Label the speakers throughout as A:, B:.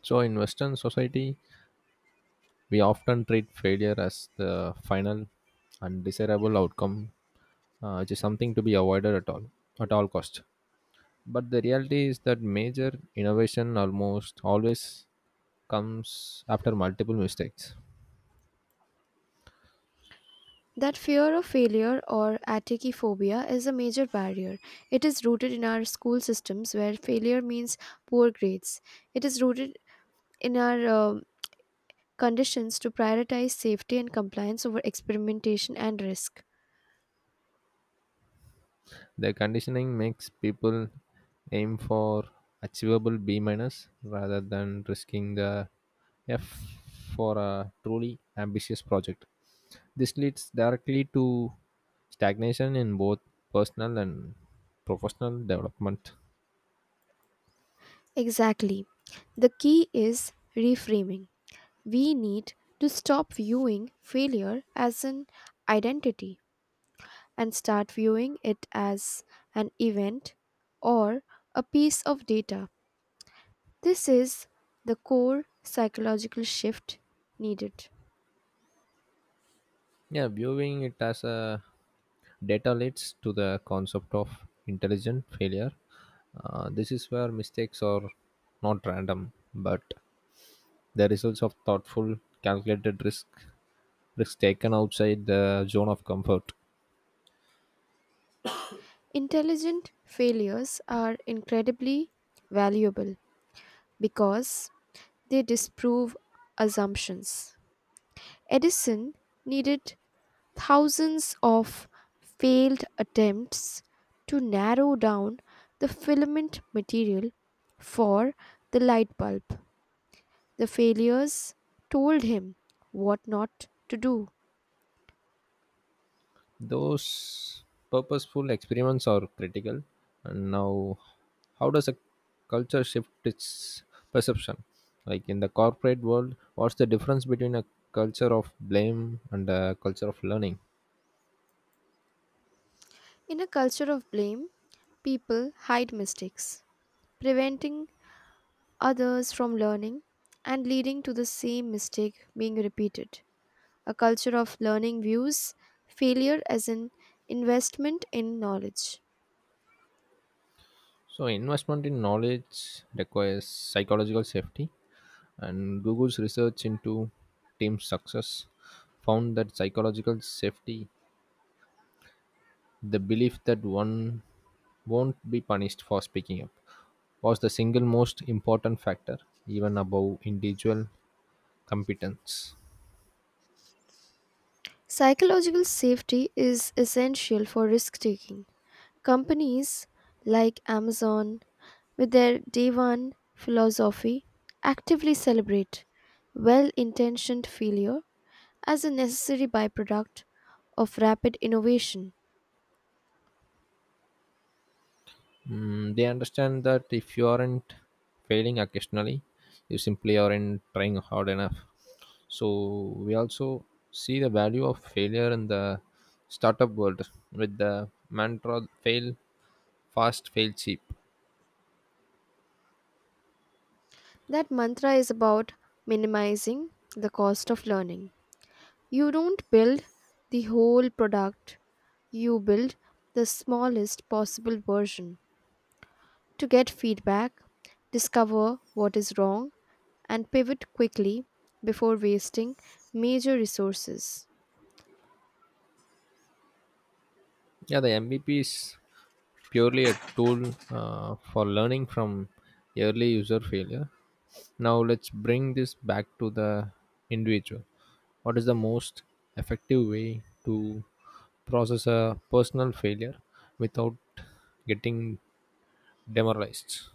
A: So, in Western society, we often treat failure as the final undesirable outcome, which is something to be avoided at all cost. But the reality is that major innovation almost always comes after multiple mistakes.
B: That fear of failure or atachiphobia is a major barrier. It is rooted in our school systems where failure means poor grades. It is rooted in our conditions to prioritize safety and compliance over experimentation and risk.
A: The conditioning makes people aim for achievable B minus rather than risking the F for a truly ambitious project. This leads directly to stagnation in both personal and professional development.
B: Exactly. The key is reframing. We need to stop viewing failure as an identity and start viewing it as an event or a piece of data. This is the core psychological shift needed.
A: Yeah, viewing it as a data leads to the concept of intelligent failure. This is where mistakes are not random, but the results of thoughtful, calculated risks taken outside the zone of comfort.
B: Intelligent failures are incredibly valuable because they disprove assumptions. Edison needed thousands of failed attempts to narrow down the filament material for the light bulb. The failures told him what not to do.
A: Those purposeful experiments are critical. And now, how does a culture shift its perception? Like in the corporate world, what's the difference between a culture of blame and a culture of learning?
B: In a culture of blame, people hide mistakes, preventing others from learning and leading to the same mistake being repeated. A culture of learning views failure as an investment in knowledge.
A: So, investment in knowledge requires psychological safety, and Google's research into team success found that psychological safety. The belief that one won't be punished for speaking up was the single most important factor, even above individual competence.
B: Psychological safety is essential for risk taking. Companies like Amazon, with their day one philosophy, actively celebrate well intentioned failure as a necessary byproduct of rapid innovation.
A: Mm, they understand that if you aren't failing occasionally, you simply aren't trying hard enough. So, we also see the value of failure in the startup world with the mantra fail fast, fail cheap.
B: That mantra is about minimizing the cost of learning. You don't build the whole product, you build the smallest possible version to get feedback, discover what is wrong, and pivot quickly before wasting major resources.
A: Yeah, the MVPs purely a tool for learning from early user failure. Now, let's bring this back to the individual. What is the most effective way to process a personal failure without getting demoralized?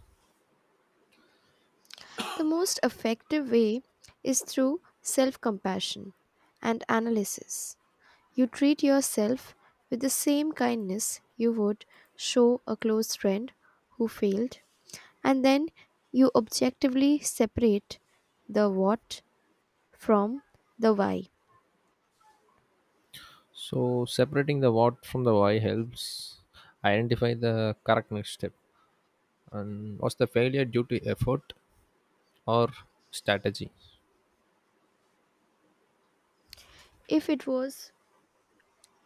B: The most effective way is through self compassion and analysis. You treat yourself with the same kindness you would show a close friend who failed, and then you objectively separate the what from the why.
A: So, separating the what from the why helps identify the correct next step. And was the failure due to effort or strategy?
B: If it was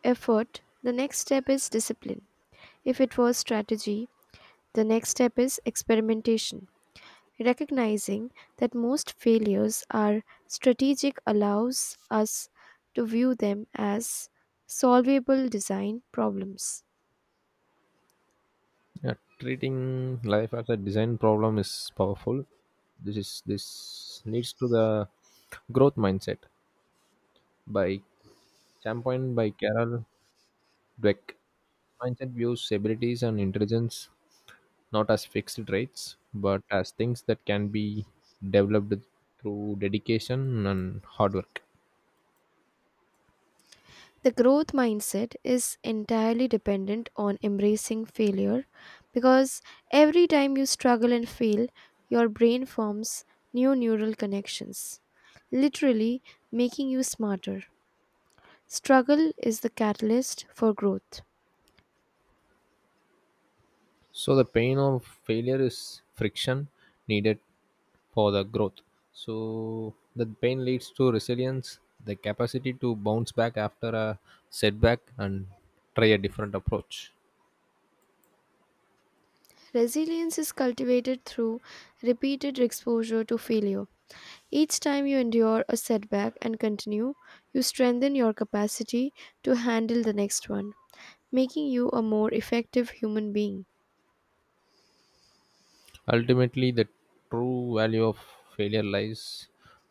B: effort, the next step is discipline. If it was strategy, the next step is experimentation. Recognizing that most failures are strategic allows us to view them as solvable design problems.
A: Yeah, treating life as a design problem is powerful. This leads to the growth mindset by championed by Carol Dweck. Mindset views abilities and intelligence not as fixed traits, but as things that can be developed through dedication and hard work.
B: The growth mindset is entirely dependent on embracing failure because every time you struggle and fail, your brain forms new neural connections, literally making you smarter. Struggle is the catalyst for growth.
A: So the pain of failure is friction needed for the growth. So the pain leads to resilience, the capacity to bounce back after a setback and try a different approach.
B: Resilience is cultivated through repeated exposure to failure. Each time you endure a setback and continue, you strengthen your capacity to handle the next one, making you a more effective human being.
A: Ultimately, the true value of failure lies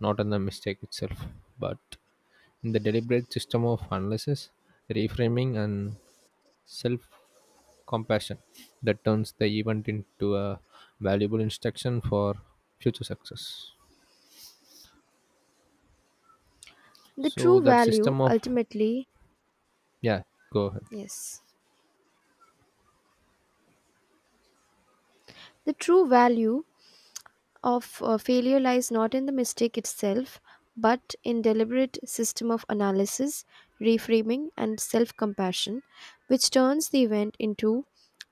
A: not in the mistake itself, but in the deliberate system of analysis, reframing, and self-compassion that turns the event into a valuable instruction for future success.
B: The
A: So
B: true
A: that
B: value,
A: system of,
B: ultimately,
A: yeah, go ahead.
B: yes, the true value of failure lies not in the mistake itself, but in deliberate system of analysis, reframing, and self-compassion, which turns the event into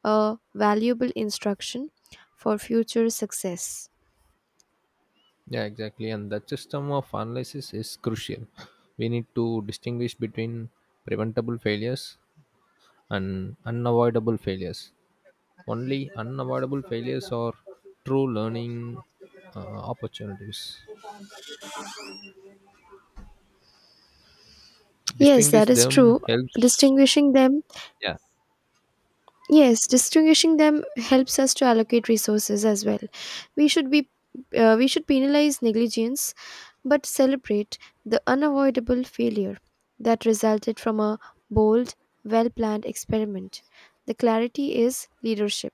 B: a valuable instruction for future success.
A: Yeah, exactly, and that system of analysis is crucial. We need to distinguish between preventable failures and unavoidable failures. Only unavoidable failures are true learning opportunities.
B: Yes,
A: Distinguish
B: that is
A: them
B: true.
A: helps.
B: Distinguishing them.
A: Yeah,
B: Yes, distinguishing them helps us to allocate resources as well. We should be we should penalize negligence but celebrate the unavoidable failure that resulted from a bold, well-planned experiment. The clarity is leadership.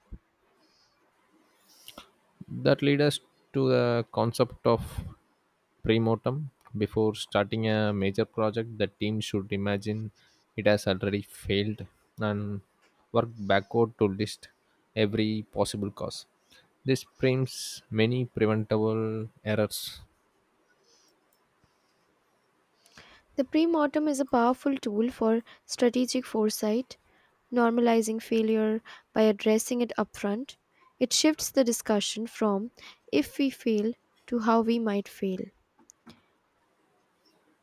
A: that leads us to the concept of pre-mortem. Before starting a major project, the team should imagine it has already failed and work backward to list every possible cause. This frames many preventable errors.
B: The pre-mortem is a powerful tool for strategic foresight, normalizing failure by addressing it upfront. It shifts the discussion from if we fail to how we might fail.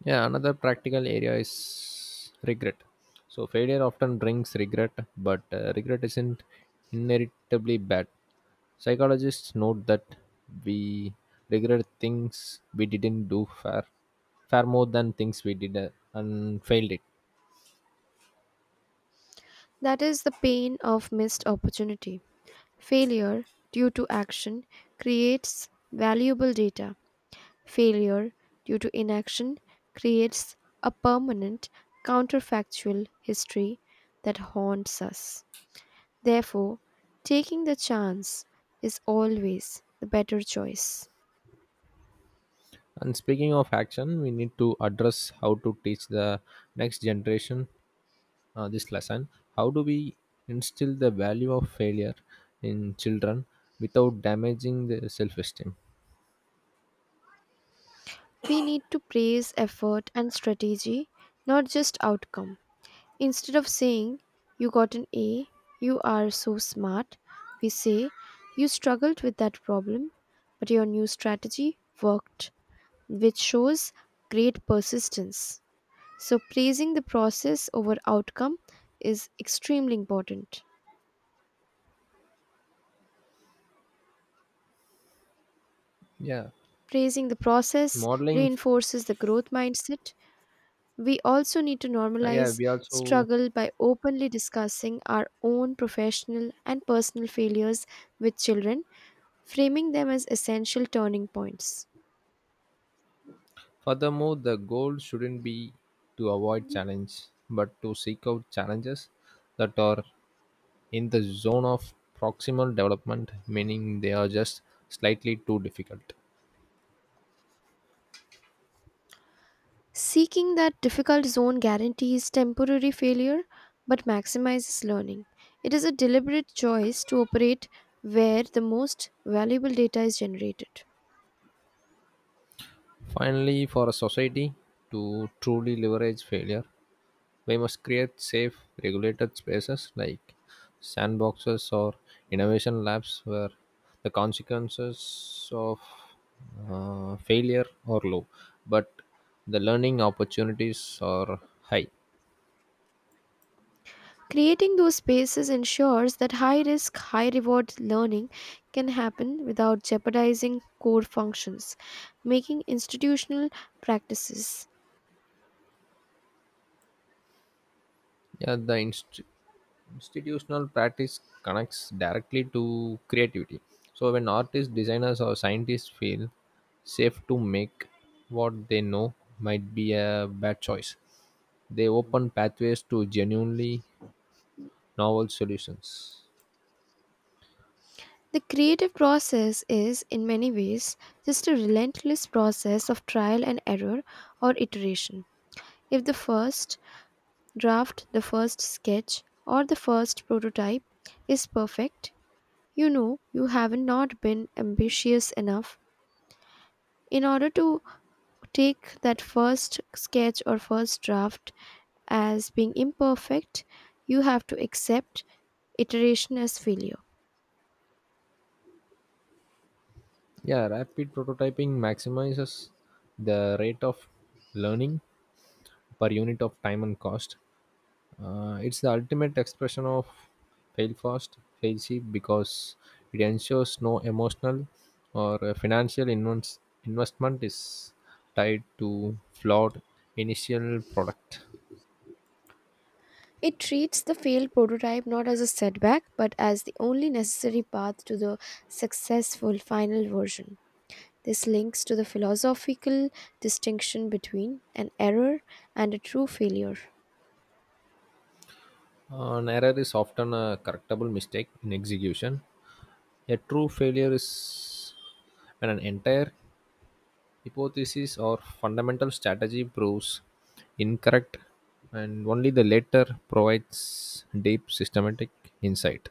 A: Yeah, another practical area is regret. So failure often brings regret, but regret isn't inheritably bad. Psychologists note that we regret things we didn't do far, far more than things we did and failed it.
B: That is the pain of missed opportunity. Failure due to action creates valuable data. Failure due to inaction creates a permanent counterfactual history that haunts us. Therefore, taking the chance is always the better choice.
A: And speaking of action, we need to address how to teach the next generation this lesson. How do we instill the value of failure in children without damaging their self-esteem?
B: We need to praise effort and strategy, not just outcome. Instead of saying, "You got an A, you are so smart," we say, "You struggled with that problem, but your new strategy worked," which shows great persistence. So, praising the process over outcome is extremely important.
A: Yeah,
B: Praising the process
A: modeling.
B: reinforces the growth mindset. We also need to
A: Yeah,
B: normalize
A: we also.
B: struggle by openly discussing our own professional and personal failures with children, framing them as essential turning points.
A: Furthermore, the goal shouldn't be to avoid challenge, but to seek out challenges that are in the zone of proximal development, meaning they are just slightly too difficult.
B: Seeking that difficult zone guarantees temporary failure but maximizes learning. It is a deliberate choice to operate where the most valuable data is generated.
A: Finally, for a society to truly leverage failure, we must create safe, regulated spaces like sandboxes or innovation labs where the consequences of failure are low, but the learning opportunities are high.
B: Creating those spaces ensures that high risk, high reward learning can happen without jeopardizing core functions, making institutional practices.
A: Yeah, the institutional practice connects directly to creativity. So when artists, designers, or scientists feel safe to make what they know might be a bad choice, they open pathways to genuinely novel solutions.
B: The creative process is, in many ways, just a relentless process of trial and error or iteration. If the first draft, the first sketch, or the first prototype is perfect, you know you have not been ambitious enough. In order to take that first sketch or first draft as being imperfect, you have to accept iteration as failure.
A: Yeah, rapid prototyping maximizes the rate of learning per unit of time and cost. It's the ultimate expression of fail fast, fail cheap because it ensures no emotional or financial investment is tied to flawed initial product.
B: It treats the failed prototype not as a setback, but as the only necessary path to the successful final version. This links to the philosophical distinction between an error and a true failure.
A: An error is often a correctable mistake in execution. A true failure is when an entire hypothesis or fundamental strategy proves incorrect, and only the latter provides deep systematic insight.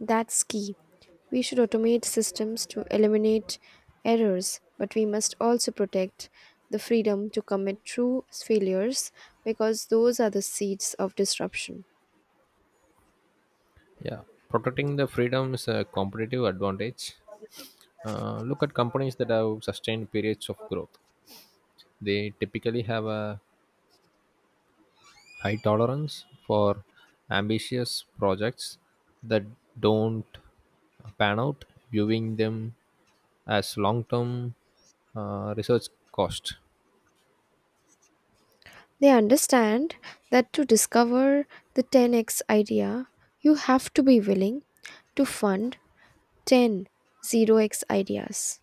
B: That's key. We should automate systems to eliminate errors, but we must also protect the freedom to commit true failures because those are the seeds of disruption.
A: Yeah, protecting the freedom is a competitive advantage. Look at companies that have sustained periods of growth. They typically have a high tolerance for ambitious projects that don't pan out, viewing them as long term research cost.
B: They understand that to discover the 10x idea, you have to be willing to fund 100x ideas.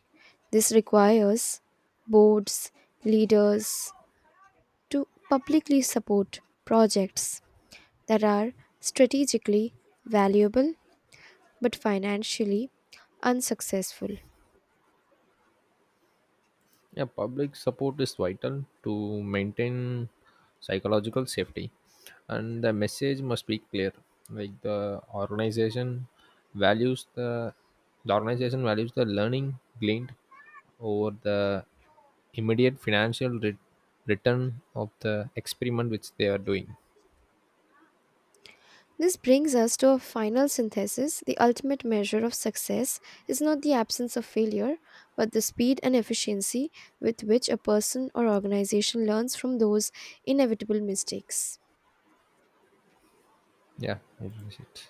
B: This requires boards, leaders to publicly support projects that are strategically valuable but financially unsuccessful.
A: Yeah, public support is vital to maintain psychological safety, and the message must be clear. Like the organization values the learning gleaned over the immediate financial return of the experiment which they are doing.
B: This brings us to a final synthesis. The ultimate measure of success is not the absence of failure, but the speed and efficiency with which a person or organization learns from those inevitable mistakes.
A: Yeah, that is it.